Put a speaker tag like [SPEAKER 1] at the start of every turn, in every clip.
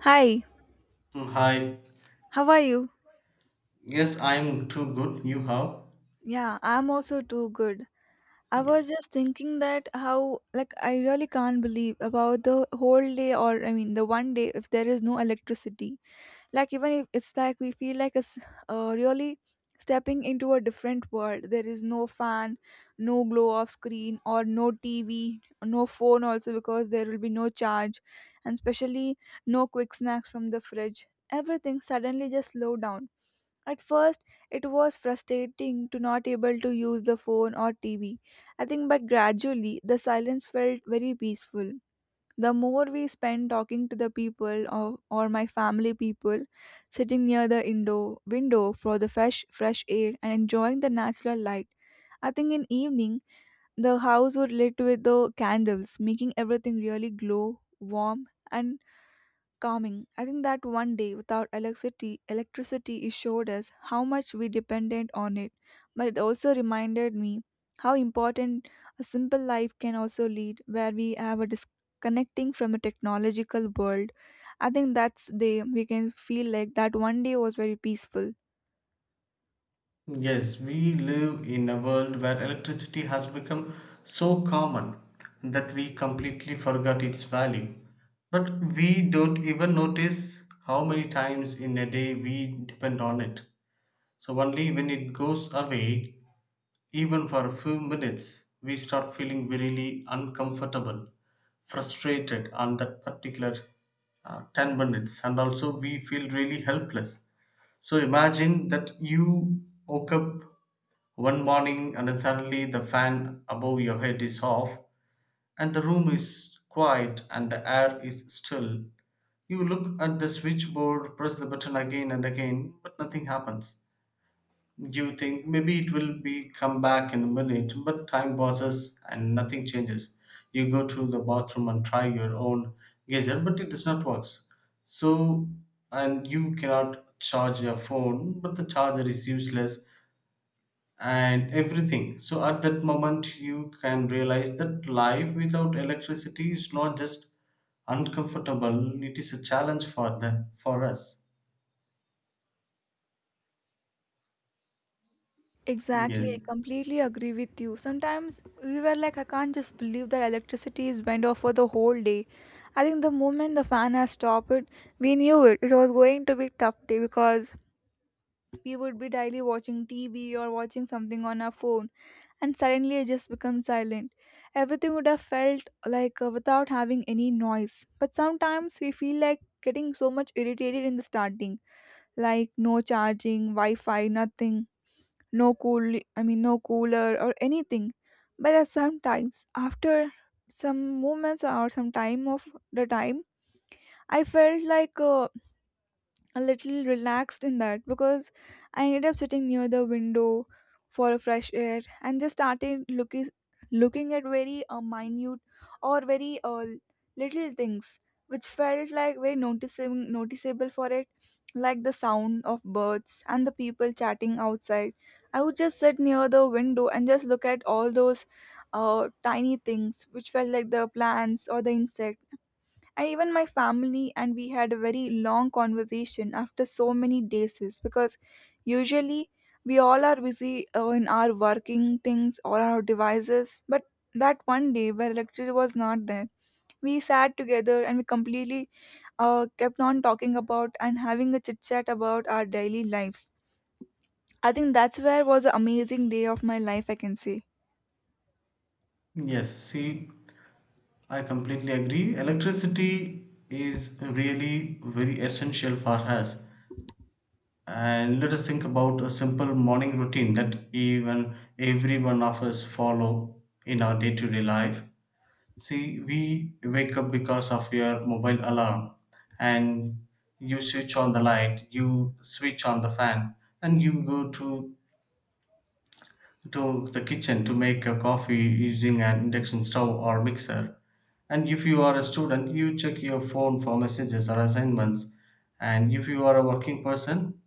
[SPEAKER 1] Hi,
[SPEAKER 2] Mm, hi.
[SPEAKER 1] how are you?
[SPEAKER 2] Yes, I'm too good. You how?
[SPEAKER 1] Yeah, I'm also too good. I
[SPEAKER 2] Yes.
[SPEAKER 1] was just thinking that how like I really can't believe about the whole day or I mean the one day if there is no electricity. Like even if it's like we feel like it's really stepping into a different world. There is no fan, no glow off screen or no TV, no phone also because there will be no charge and especially no quick snacks from the fridge. Everything suddenly just slow down. At first, it was frustrating to not able to use the phone or TV I think, but gradually the silence felt very peaceful. The more we spent talking to the people or my family people, sitting near the indo window for the fresh air and enjoying the natural light. I think in evening the house would lit with the candles, making everything really glow, warm, and calming. I think that one day without electricity it showed us how much we depended on it, but it also reminded me how important a simple life can also lead where we have a disconnecting from a technological world. I think that's day we can feel like that one day was very peaceful.
[SPEAKER 2] Yes, we live in a world where electricity has become so common that we completely forgot its value. But we don't even notice how many times in a day we depend on it. So only when it goes away, even for a few minutes, we start feeling really uncomfortable, frustrated on that particular 10 minutes, and also we feel really helpless. So imagine that you woke up one morning and then suddenly the fan above your head is off, and the room is quiet and the air is still. You look at the switchboard, press the button again and again, but nothing happens. You think maybe it will be come back in a minute, but time passes and nothing changes. You go to the bathroom and try your own gadget, but it does not works. So, and you cannot charge your phone, but the charger is useless and everything. So, at that moment, you can realize that life without electricity is not just uncomfortable, it is a challenge for the for us.
[SPEAKER 1] Exactly,
[SPEAKER 2] Yes,
[SPEAKER 1] I completely agree with you. Sometimes we were like, I can't just believe that electricity is went off for the whole day. I think the moment the fan has stopped it, we knew it. It was going to be tough day because we would be daily watching TV or watching something on our phone, and suddenly it just becomes silent. Everything would have felt like without having any noise. But sometimes we feel like getting so much irritated in the starting, like no charging, Wi-Fi, nothing, no cooler or anything, but at sometimes after some moments or some time of the time, I felt like a little relaxed in that because I ended up sitting near the window for a fresh air and just started looking at very minute or very little things which felt like very noticeable for it, like the sound of birds and the people chatting outside. I would just sit near the window and just look at all those tiny things which felt like the plants or the insect. And even my family and we had a very long conversation after so many days because usually we all are busy in our working things or our devices, but that one day where electricity was not there, we sat together and we completely kept on talking about and having a chit chat about our daily lives. I think that's where was an amazing day of my life, I can say.
[SPEAKER 2] yes. See, I completely agree. Electricity is really very essential for us. And let us think about a simple morning routine that even every one of us follow in our day-to-day life. See, we wake up because of your mobile alarm, and you switch on the light, you switch on the fan, and you go to the kitchen to make a coffee using an induction stove or mixer. And if you are a student, you check your phone for messages or assignments. And if you are a working person,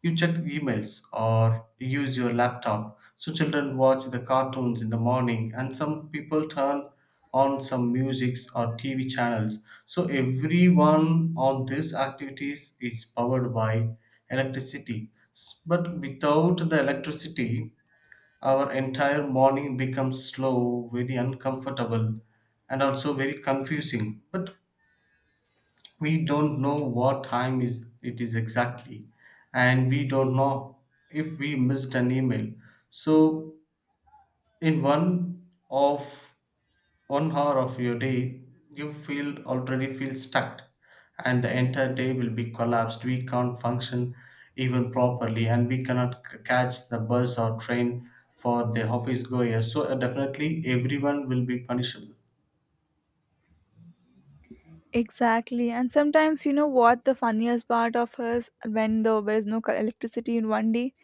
[SPEAKER 2] you check emails or use your laptop. So children watch the cartoons in the morning, and some people turn on some musics or TV channels. So everyone on these activities is powered by electricity. But without the electricity, our entire morning becomes slow, very uncomfortable, and also very confusing. But we don't know what time is it is exactly, and we don't know if we missed an email. So in of 1 hour of your day you feel already feel stuck, and the entire day will be collapsed. We can't function even properly, and we cannot catch the bus or train for the office goers. So definitely everyone will be punishable.
[SPEAKER 1] Exactly, and sometimes you know what the funniest part of us, when there is no electricity in one day,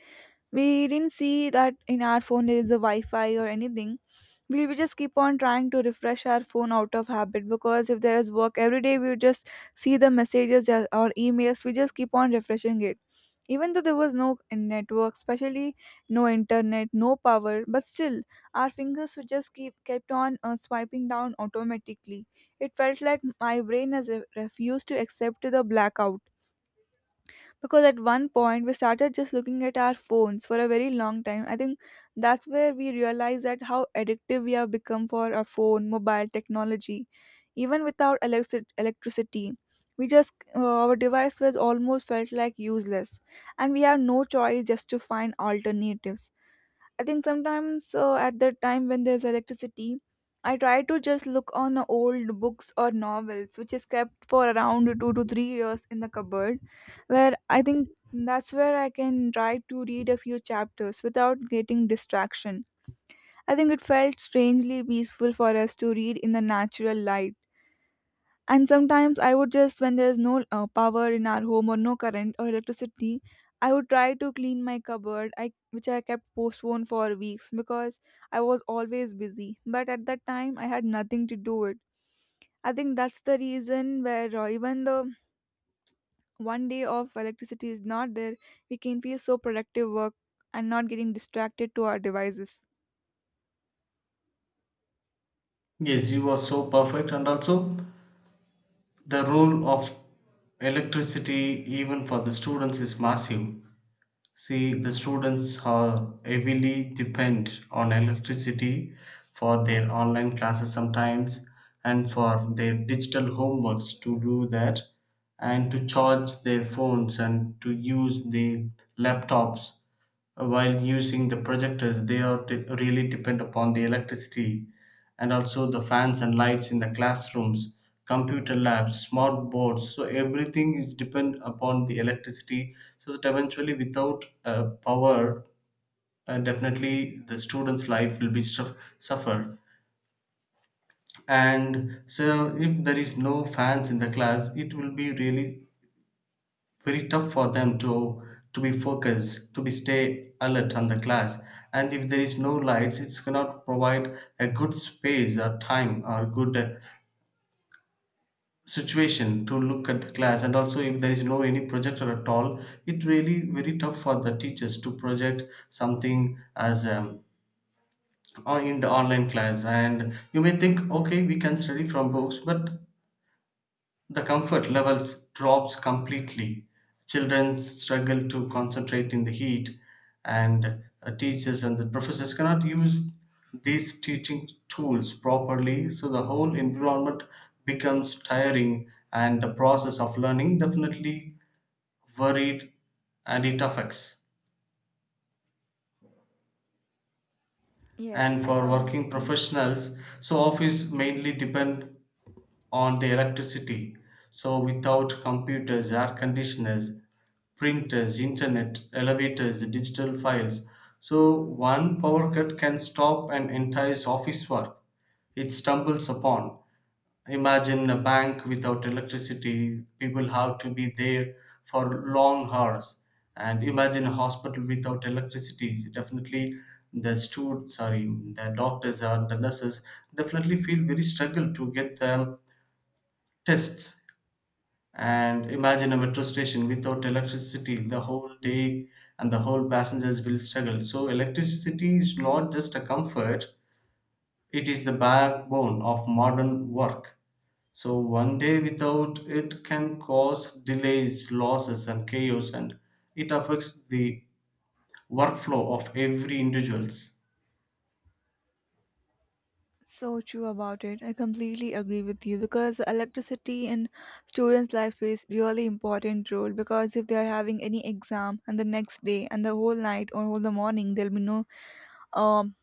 [SPEAKER 1] we didn't see that in our phone there is a Wi-Fi or anything. We just keep on trying to refresh our phone out of habit because if there is work every day, we would just see the messages or emails, we just keep on refreshing it even though there was no network, especially no internet, no power. But still our fingers would just keep kept on swiping down automatically. It felt like my brain has refused to accept the blackout because at one point we started just looking at our phones for a very long time. I think that's where we realized that how addictive we have become for our phone, mobile technology, even without electricity. We just our device was almost felt like useless, and we have no choice just to find alternatives. I think sometimes at the time when there's electricity, I try to just look on old books or novels, which is kept for around 2 to 3 years in the cupboard, where I think that's where I can try to read a few chapters without getting distraction. I think it felt strangely peaceful for us to read in the natural light. And sometimes I would just, when there's no power in our home or no current or electricity, I would try to clean my cupboard, which I kept postponed for weeks because I was always busy. But at that time, I had nothing to do it. I think that's the reason where even the one day of electricity is not there, we can feel so productive work and not getting distracted to our devices.
[SPEAKER 2] Yes, you are so perfect. And also the role of electricity even for the students is massive. See, the students are heavily depend on electricity for their online classes sometimes, and for their digital homeworks to do that, and to charge their phones and to use the laptops. While using the projectors, they are really depend upon the electricity, and also the fans and lights in the classrooms, computer labs, smart boards. So everything is depend upon the electricity. So that eventually, without power, definitely the students' life will be suffer. And so, if there is no fans in the class, it will be really very tough for them to be focused, to be stay alert on the class. And if there is no lights, it's cannot provide a good space or time or good situation to look at the class. And also if there is no any projector at all, it really very tough for the teachers to project something as in the online class. And you may think, okay, we can study from books, but the comfort levels drops completely. Children struggle to concentrate in the heat, and teachers and the professors cannot use these teaching tools properly, so the whole environment becomes tiring and the process of learning definitely worried, and it affects.
[SPEAKER 1] Yes,
[SPEAKER 2] And
[SPEAKER 1] I
[SPEAKER 2] for
[SPEAKER 1] come.
[SPEAKER 2] working professionals, so office mainly depend on the electricity. So without computers, air conditioners, printers, internet, elevators, digital files. So one power cut can stop an entire office work. It stumbles upon. Imagine a bank without electricity, people have to be there for long hours. And imagine a hospital without electricity. Definitely, the sorry, the doctors or the nurses definitely feel very struggle to get the tests. And imagine a metro station without electricity the whole day, and the whole passengers will struggle. So, electricity is not just a comfort, it is the backbone of modern work. So, one day without it can cause delays, losses, and chaos, and it affects the workflow of every individual's
[SPEAKER 1] So true about it. I completely agree with you because electricity in students' life plays really important role because if they are having any exam and the next day and the whole night or whole the morning there'll be no um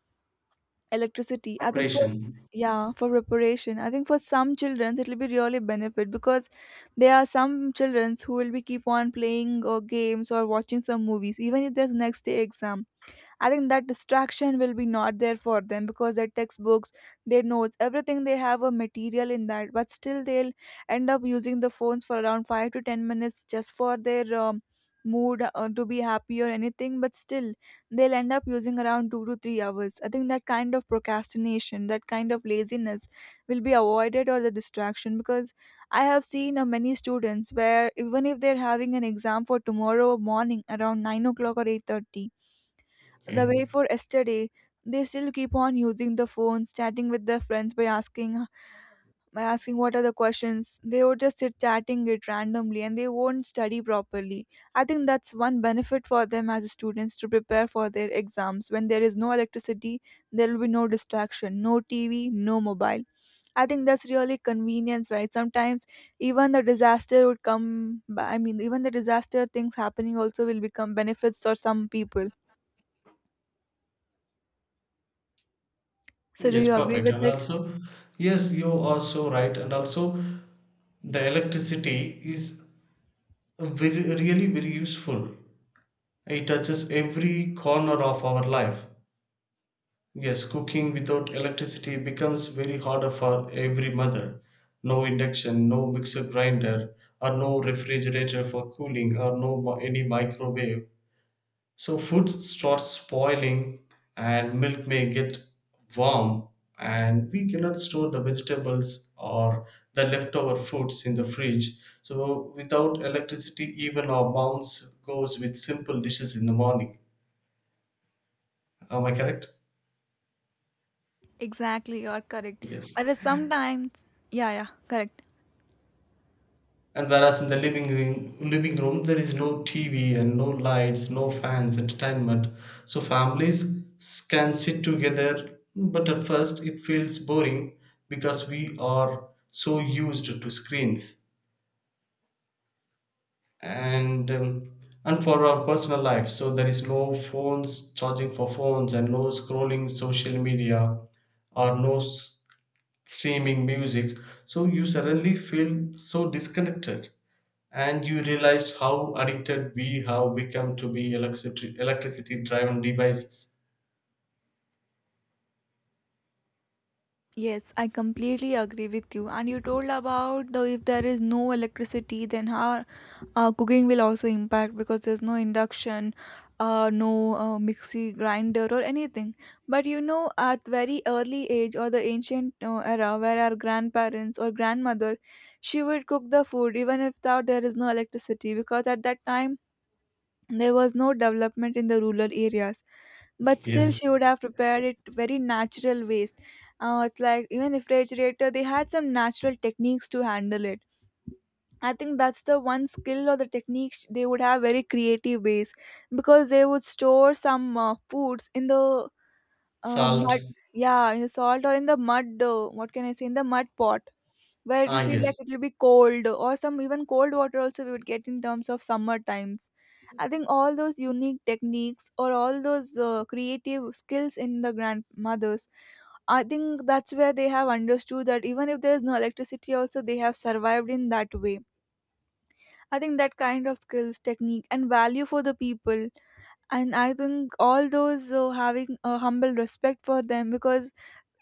[SPEAKER 1] electricity. I think for,
[SPEAKER 2] operation.
[SPEAKER 1] yeah, for preparation. I think for some children it'll be really benefit because there are some children who will be keep on playing or games or watching some movies even if there's next day exam. I think that distraction will be not there for them because their textbooks, their notes, everything they have a material in that, but still they'll end up using the phones for around 5 to 10 minutes just for their mood to be happy or anything, but still they'll end up using around 2 to 3 hours. I think that kind of procrastination, that kind of laziness will be avoided or the distraction, because I have seen many students where even if they're having an exam for tomorrow morning around 9 o'clock or 8:30, the
[SPEAKER 2] Okay.
[SPEAKER 1] way for yesterday, they still keep on using the phones chatting with their friends, by asking what are the questions. They would just sit chatting it randomly and they won't study properly. I think that's one benefit for them as students to prepare for their exams. When there is no electricity, there will be no distraction, no TV, no mobile. I think that's really convenience, right? Sometimes even the disaster would come even the disaster things happening also will become benefits for some people. So do
[SPEAKER 2] Yes,
[SPEAKER 1] you agree
[SPEAKER 2] perfect.
[SPEAKER 1] with
[SPEAKER 2] And
[SPEAKER 1] it?
[SPEAKER 2] also, yes, you are so right. And also, the electricity is very, really very useful. It touches every corner of our life. Yes, cooking without electricity becomes very harder for every mother. No induction, no mixer grinder, or no refrigerator for cooling, or no any microwave. So food starts spoiling and milk may get warm, and we cannot store the vegetables or the leftover foods in the fridge. So without electricity even our bounce goes with simple dishes in the morning. Am I correct?
[SPEAKER 1] Exactly, you're correct.
[SPEAKER 2] Yes.
[SPEAKER 1] But sometimes, yeah, yeah, correct.
[SPEAKER 2] And whereas in the living room, there is no TV and no lights, no fans, entertainment. So families can sit together, but at first it feels boring because we are so used to screens, and um, and for our personal life. So there is no phones charging for phones and no scrolling social media or no streaming music. So you suddenly feel so disconnected, and you realized how addicted we have become to be electricity driven devices.
[SPEAKER 1] Yes, I completely agree with you. And you told about the, if there is no electricity, then how cooking will also impact because there's no induction, no mixie grinder or anything. But you know, at very early age or the ancient era, where our grandparents or grandmother, she would cook the food even if there is no electricity because at that time there was no development in the rural areas, but still
[SPEAKER 2] Yes.
[SPEAKER 1] she would have prepared it very natural ways. It's like even refrigerator, they had some natural techniques to handle it. I think that's the one skill or the technique they would have very creative ways because they would store some foods in the
[SPEAKER 2] Salt.
[SPEAKER 1] mud, yeah, in the salt or in the mud, what can I say, in the mud pot, where it'll
[SPEAKER 2] Ah,
[SPEAKER 1] feel
[SPEAKER 2] yes.
[SPEAKER 1] like it'll be cold, or some even cold water also we would get in terms of summer times. I think all those unique techniques or all those creative skills in the grandmothers, I think that's where they have understood that even if there's no electricity, also they have survived in that way. I think that kind of skills, technique, and value for the people. And I think all those having a humble respect for them because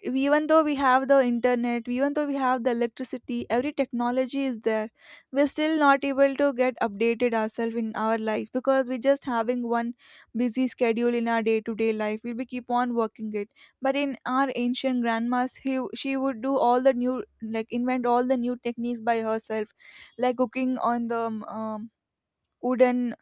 [SPEAKER 1] even though we have the internet, even though we have the electricity, every technology is there, we're still not able to get updated ourselves in our life because we're just having one busy schedule in our day-to-day life, we'll be keep on working it. But in our ancient grandmas, she would do all the new, like invent all the new techniques by herself, like cooking on the um, wooden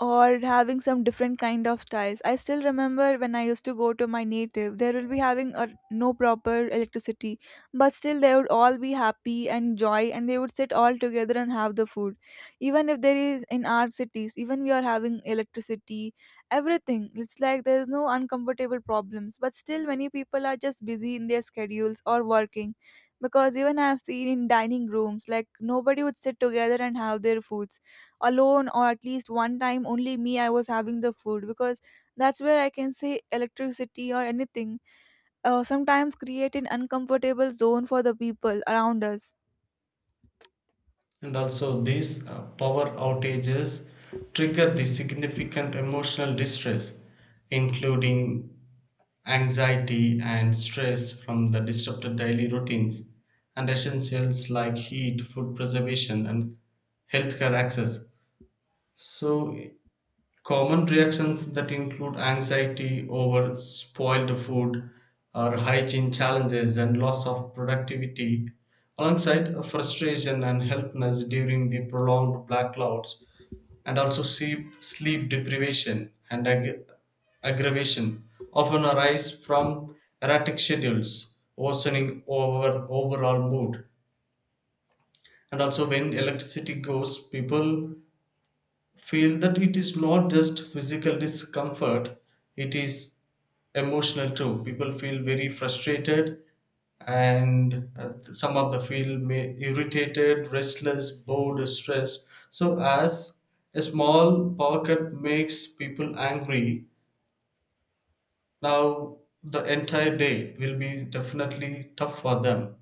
[SPEAKER 1] or having some different kind of styles. I still remember when I used to go to my native, there will be having no proper electricity, but still they would all be happy and joy and they would sit all together and have the food. Even if there is in our cities, even we are having electricity, everything, it's like there's no uncomfortable problems, but still many people are just busy in their schedules or working, because even I have seen in dining rooms, like nobody would sit together and have their foods alone, or at least one time only me I was having the food. Because that's where I can say electricity or anything sometimes create an uncomfortable zone for the people around us.
[SPEAKER 2] And also these power outages trigger the significant emotional distress including anxiety and stress from the disrupted daily routines and essentials like heat, food preservation, and healthcare access. So, common reactions that include anxiety over spoiled food or hygiene challenges and loss of productivity, alongside frustration and helplessness during the prolonged blackouts, and also sleep deprivation and aggravation often arise from erratic schedules, worsening overall mood. And also, when electricity goes, people feel that it is not just physical discomfort, it is emotional too. People feel very frustrated, and some of the feel may irritated, restless, bored, stressed. So as a small pocket makes people angry, now the entire day will be definitely tough for them.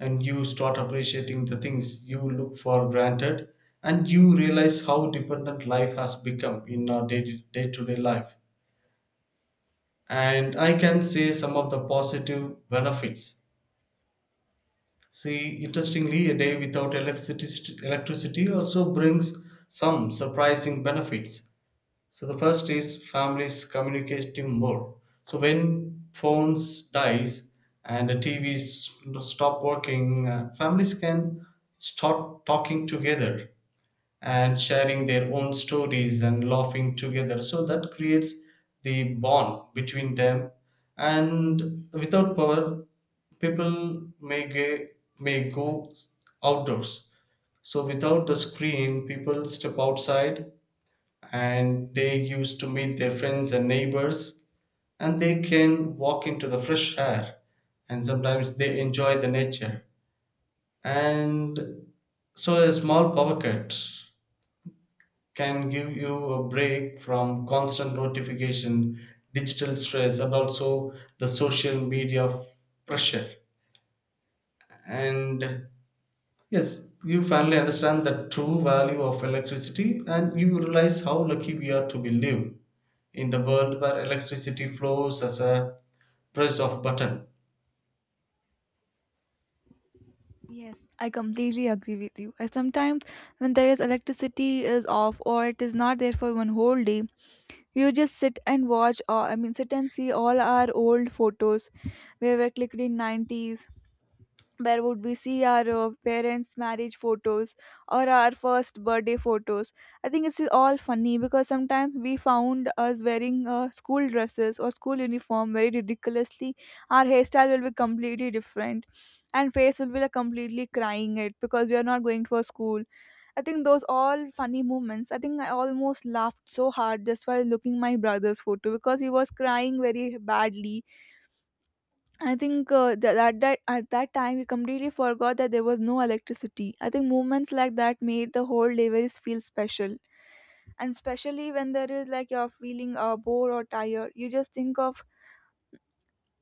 [SPEAKER 2] And you start appreciating the things you look for granted, and you realize how dependent life has become in our day to day life. And I can say some of the positive benefits. See, interestingly, a day without electricity also brings some surprising benefits. So the first is families communicating more. So when phones dies and the TVs stop working, families can start talking together and sharing their own stories and laughing together. So that creates the bond between them. And without power, people may may go outdoors. So without the screen, people step outside, and they used to meet their friends and neighbors, and they can walk into the fresh air, and sometimes they enjoy the nature. And so a small power cut can give you a break from constant notification, digital stress, and also the social media pressure. And yes, you finally understand the true value of electricity, and you realize how lucky we are to be live in the world where electricity flows as a press of button.
[SPEAKER 1] Yes, I completely agree with you. And sometimes when there is electricity is off or it is not there for one whole day, you just sit and watch, sit and see all our old photos where we're clicked in 90s. Where would we see our parents marriage photos or our first birthday photos? I think it's all funny because sometimes we found us wearing school dresses or school uniform very ridiculously. Our hairstyle will be completely different, and face will be like completely crying it because we are not going for school. I think those all funny moments. I think I almost laughed so hard just while looking my brother's photo because he was crying very badly. I think that at that time we completely forgot that there was no electricity. I think movements like that made the whole day very feel special, and especially when there is like you're feeling bored or tired, you just think of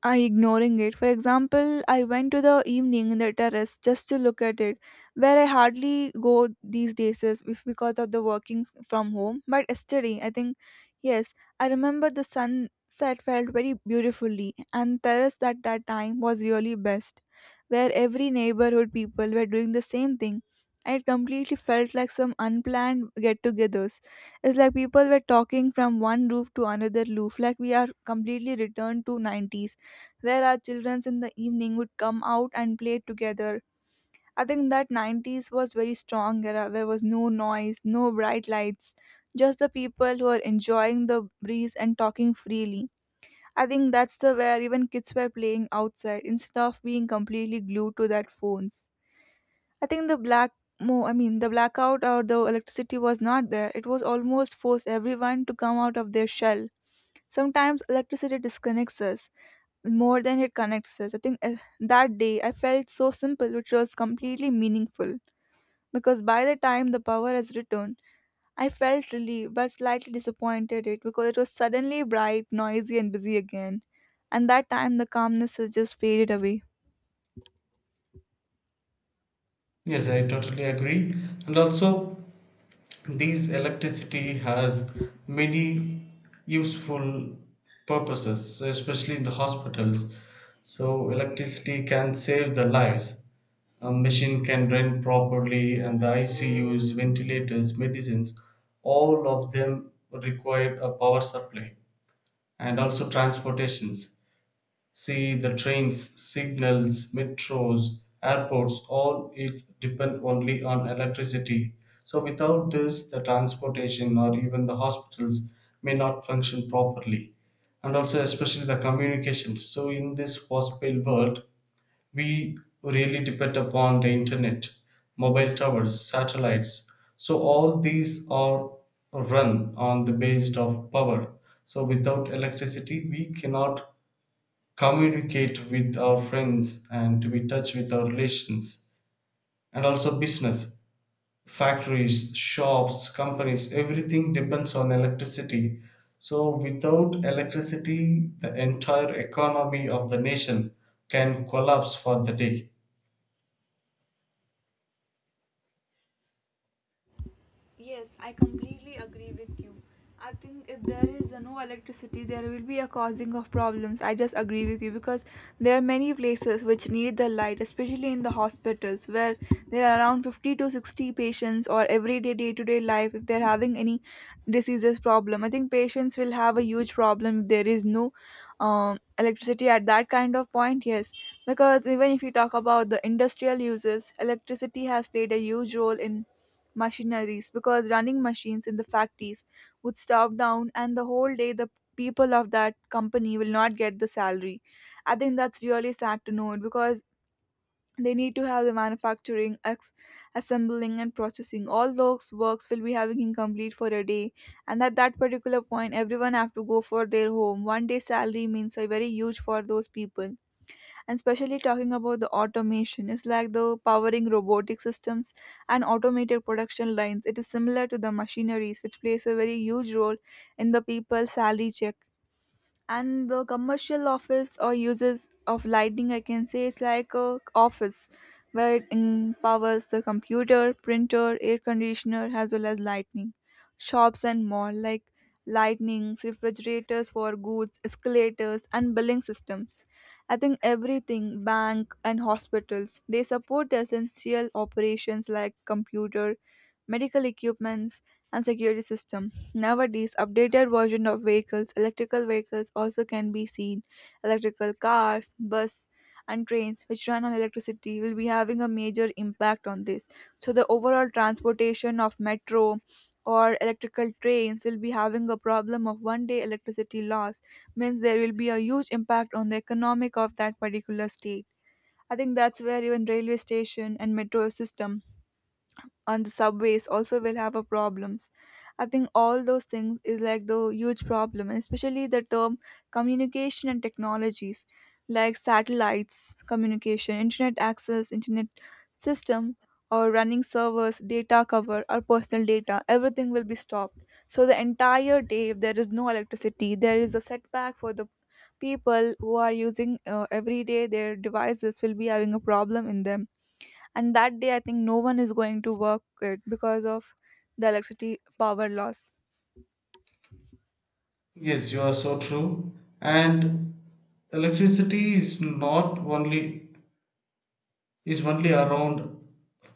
[SPEAKER 1] I ignoring it. For example, I went to the evening in the terrace just to look at it, where I hardly go these days is if because of the working from home. But yesterday, I think, yes, I remember the sunset felt very beautifully, and terrace at that time was really best, where every neighborhood people were doing the same thing. And it completely felt like some unplanned get-togethers. It's like people were talking from one roof to another roof, like we are completely returned to 90s where our children in the evening would come out and play together. I think that 90s was very strong era where was no noise, no bright lights, just the people who are enjoying the breeze and talking freely. I think that's the where even kids were playing outside instead of being completely glued to their phones. I think the black mo I mean, the blackout or the electricity was not there. It was almost forced everyone to come out of their shell. Sometimes electricity disconnects us, more than it connects us. I think that day I felt so simple, which was completely meaningful because by the time the power has returned, I felt relieved but slightly disappointed it because it was suddenly bright, noisy, and busy again. And that time the calmness has just faded away.
[SPEAKER 2] Yes, I totally agree. And also, this electricity has many useful purposes, especially in the hospitals. So electricity can save the lives. A machine can run properly, and the ICUs, ventilators, medicines, all of them required a power supply. And also transportations. See the trains, signals, metros, airports, all it depend only on electricity. So without this, the transportation or even the hospitals may not function properly. And also especially the communication. So in this post-paid world, we really depend upon the internet, mobile towers, satellites. So all these are run on the base of power. So without electricity, we cannot communicate with our friends and to be in touch with our relations. And also business, factories, shops, companies, everything depends on electricity. So without electricity the entire economy of the nation can collapse for the day.
[SPEAKER 1] Yes, I completely agree with you. I think if there is no electricity, there will be a causing of problems. I just agree with you because there are many places which need the light, especially in the hospitals where there are around 50 to 60 patients or everyday day to day life. If they're having any diseases problem, I think patients will have a huge problem if there is no electricity at that kind of point. Yes, because even if you talk about the industrial uses, electricity has played a huge role in machineries because running machines in the factories would stop down and the whole day the people of that company will not get the salary. I think that's really sad to know it because they need to have the manufacturing assembling and processing all those works will be having incomplete for a day. And at that particular point everyone have to go for their home one day salary means a very huge for those people. And especially talking about the automation, it's like the powering robotic systems and automated production lines. It is similar to the machineries which plays a very huge role in the people's salary check. And the commercial office or uses of lighting, I can say is like a office where it empowers the computer, printer, air conditioner as well as lightning, shops and more like lightnings, refrigerators for goods, escalators and billing systems. I think everything bank and hospitals they support essential operations like computer medical equipments, and security system. Nowadays, updated version of vehicles, electrical vehicles also can be seen. Electrical cars, bus, and trains which run on electricity will be having a major impact on this. So the overall transportation of metro or electrical trains will be having a problem of one day electricity loss means there will be a huge impact on the economic of that particular state. I think that's where even railway station and metro system on the subways also will have a problems. I think all those things is like the huge problem and especially the term communication and technologies like satellites communication, internet access, internet system, or running servers data cover or personal data everything will be stopped. So the entire day if there is no electricity there is a setback for the people who are using every day their devices will be having a problem in them. And that day I think no one is going to work it because of the electricity power loss.
[SPEAKER 2] Yes, you are so true. And electricity is not only is only around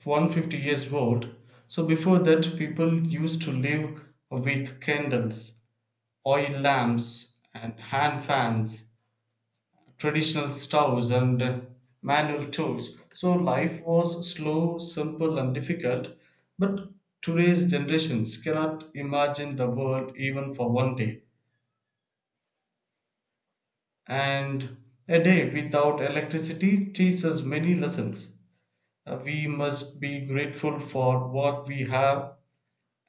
[SPEAKER 2] 150 years old. So before that, people used to live with candles, oil lamps, and hand fans, traditional stoves, and manual tools. So life was slow, simple, and difficult. But today's generations cannot imagine the world even for one day. And a day without electricity teaches us many lessons. We must be grateful for what we have,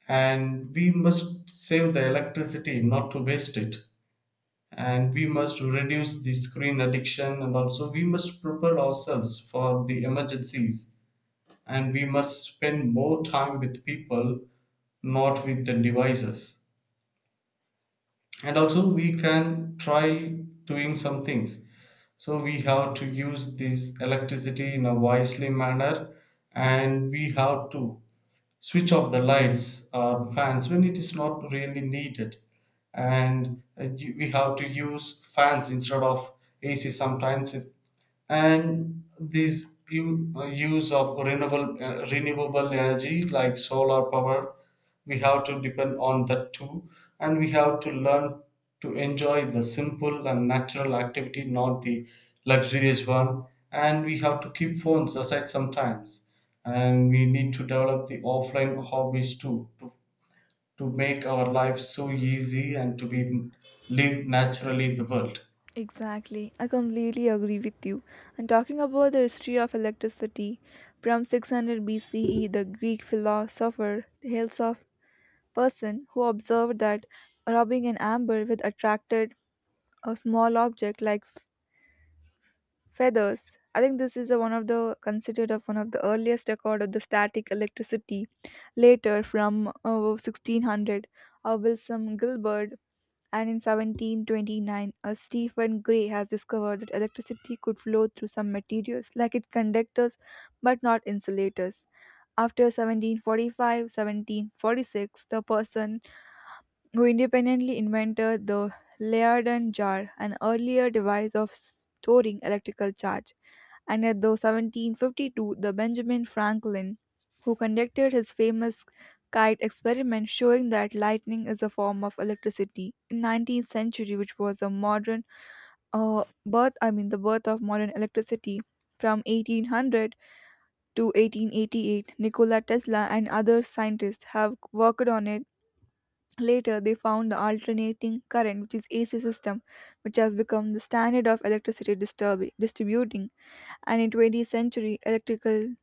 [SPEAKER 2] and we must save the electricity not to waste it, and we must reduce the screen addiction, and also we must prepare ourselves for the emergencies, and we must spend more time with people, not with the devices. And also we can try doing some things. So we have to use this electricity in a wisely manner, and we have to switch off the lights or fans when it is not really needed. And you- we have to use fans instead of ac sometimes if. And this use of renewable renewable energy like solar power, we have to depend on that too. And we have to learn to enjoy the simple and natural activity, not the luxurious one. And we have to keep phones aside sometimes, and we need to develop the offline hobbies too, to make our life so easy and to be live naturally in the world.
[SPEAKER 1] Exactly. I completely agree with you. And talking about the history of electricity, from 600 BCE, the Greek philosopher hails of person who observed that rubbing an amber with attracted a small object like feathers. I think this is a, one of the considered of one of the earliest record of the static electricity. Later from 1600 Wilson Gilbert, and in 1729 Stephen Gray has discovered that electricity could flow through some materials like it conductors but not insulators. After 1745, 1746, the person who independently invented the Leyden jar, an earlier device of storing electrical charge. And at the 1752 the Benjamin Franklin who conducted his famous kite experiment showing that lightning is a form of electricity in 19th century, which was a modern birth, I mean the birth of modern electricity. From 1800 to 1888 Nikola Tesla and other scientists have worked on it. Later they found the alternating current, which is AC system, which has become the standard of electricity disturbing, distributing. And in 20th century electrical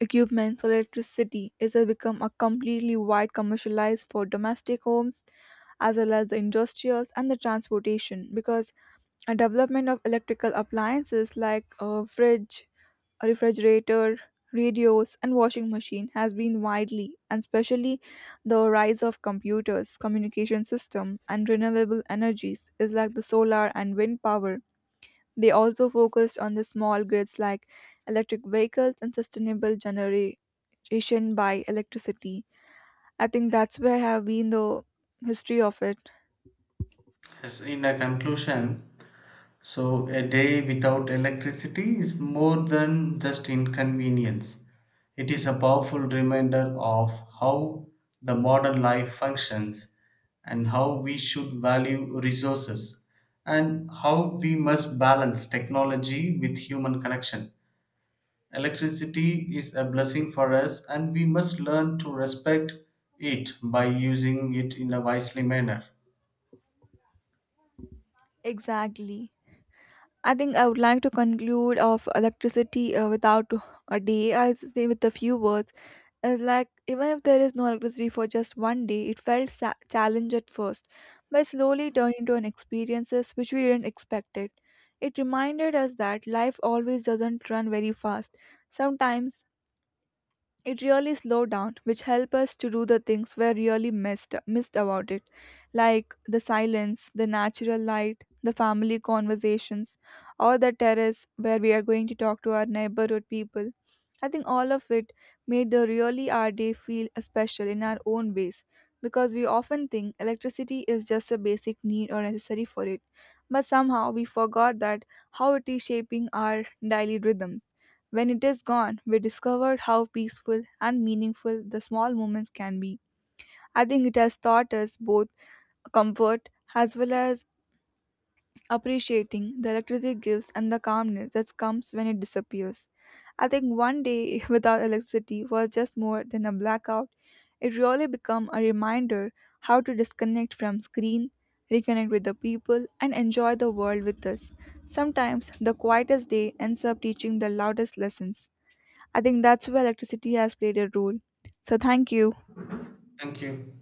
[SPEAKER 1] equipment, solar electricity is has become a completely wide commercialized for domestic homes as well as the industrials and the transportation, because a development of electrical appliances like a fridge, a refrigerator, radios and washing machine has been widely, and especially the rise of computers, communication system and renewable energies is like the solar and wind power. They also focused on the small grids like electric vehicles and sustainable generation by electricity. I think that's where have been the history of it.
[SPEAKER 2] Yes, in a conclusion, so a day without electricity is more than just inconvenience. It is a powerful reminder of how the modern life functions, and how we should value resources, and how we must balance technology with human connection. Electricity is a blessing for us, and we must learn to respect it by using it in a wisely manner.
[SPEAKER 1] Exactly. I think I would like to conclude of electricity without a day. I say with a few words. It's like even if there is no electricity for just one day, it felt challenge at first, but slowly turned into an experiences which we didn't expect it. It reminded us that life always doesn't run very fast. Sometimes it really slowed down, which helped us to do the things we really missed about it, like the silence, the natural light, the family conversations, or the terrace where we are going to talk to our neighborhood people. I think all of it made the really our day feel special in our own ways, because we often think electricity is just a basic need or necessary for it, but somehow we forgot that how it is shaping our daily rhythm. When it is gone, we discovered how peaceful and meaningful the small moments can be. I think it has taught us both comfort as well as appreciating the electricity gives and the calmness that comes when it disappears. I think one day without electricity was just more than a blackout. It really became a reminder how to disconnect from screen, reconnect with the people, and enjoy the world with us. Sometimes the quietest day ends up teaching the loudest lessons. I think that's where electricity has played a role. So, thank you.
[SPEAKER 2] Thank you.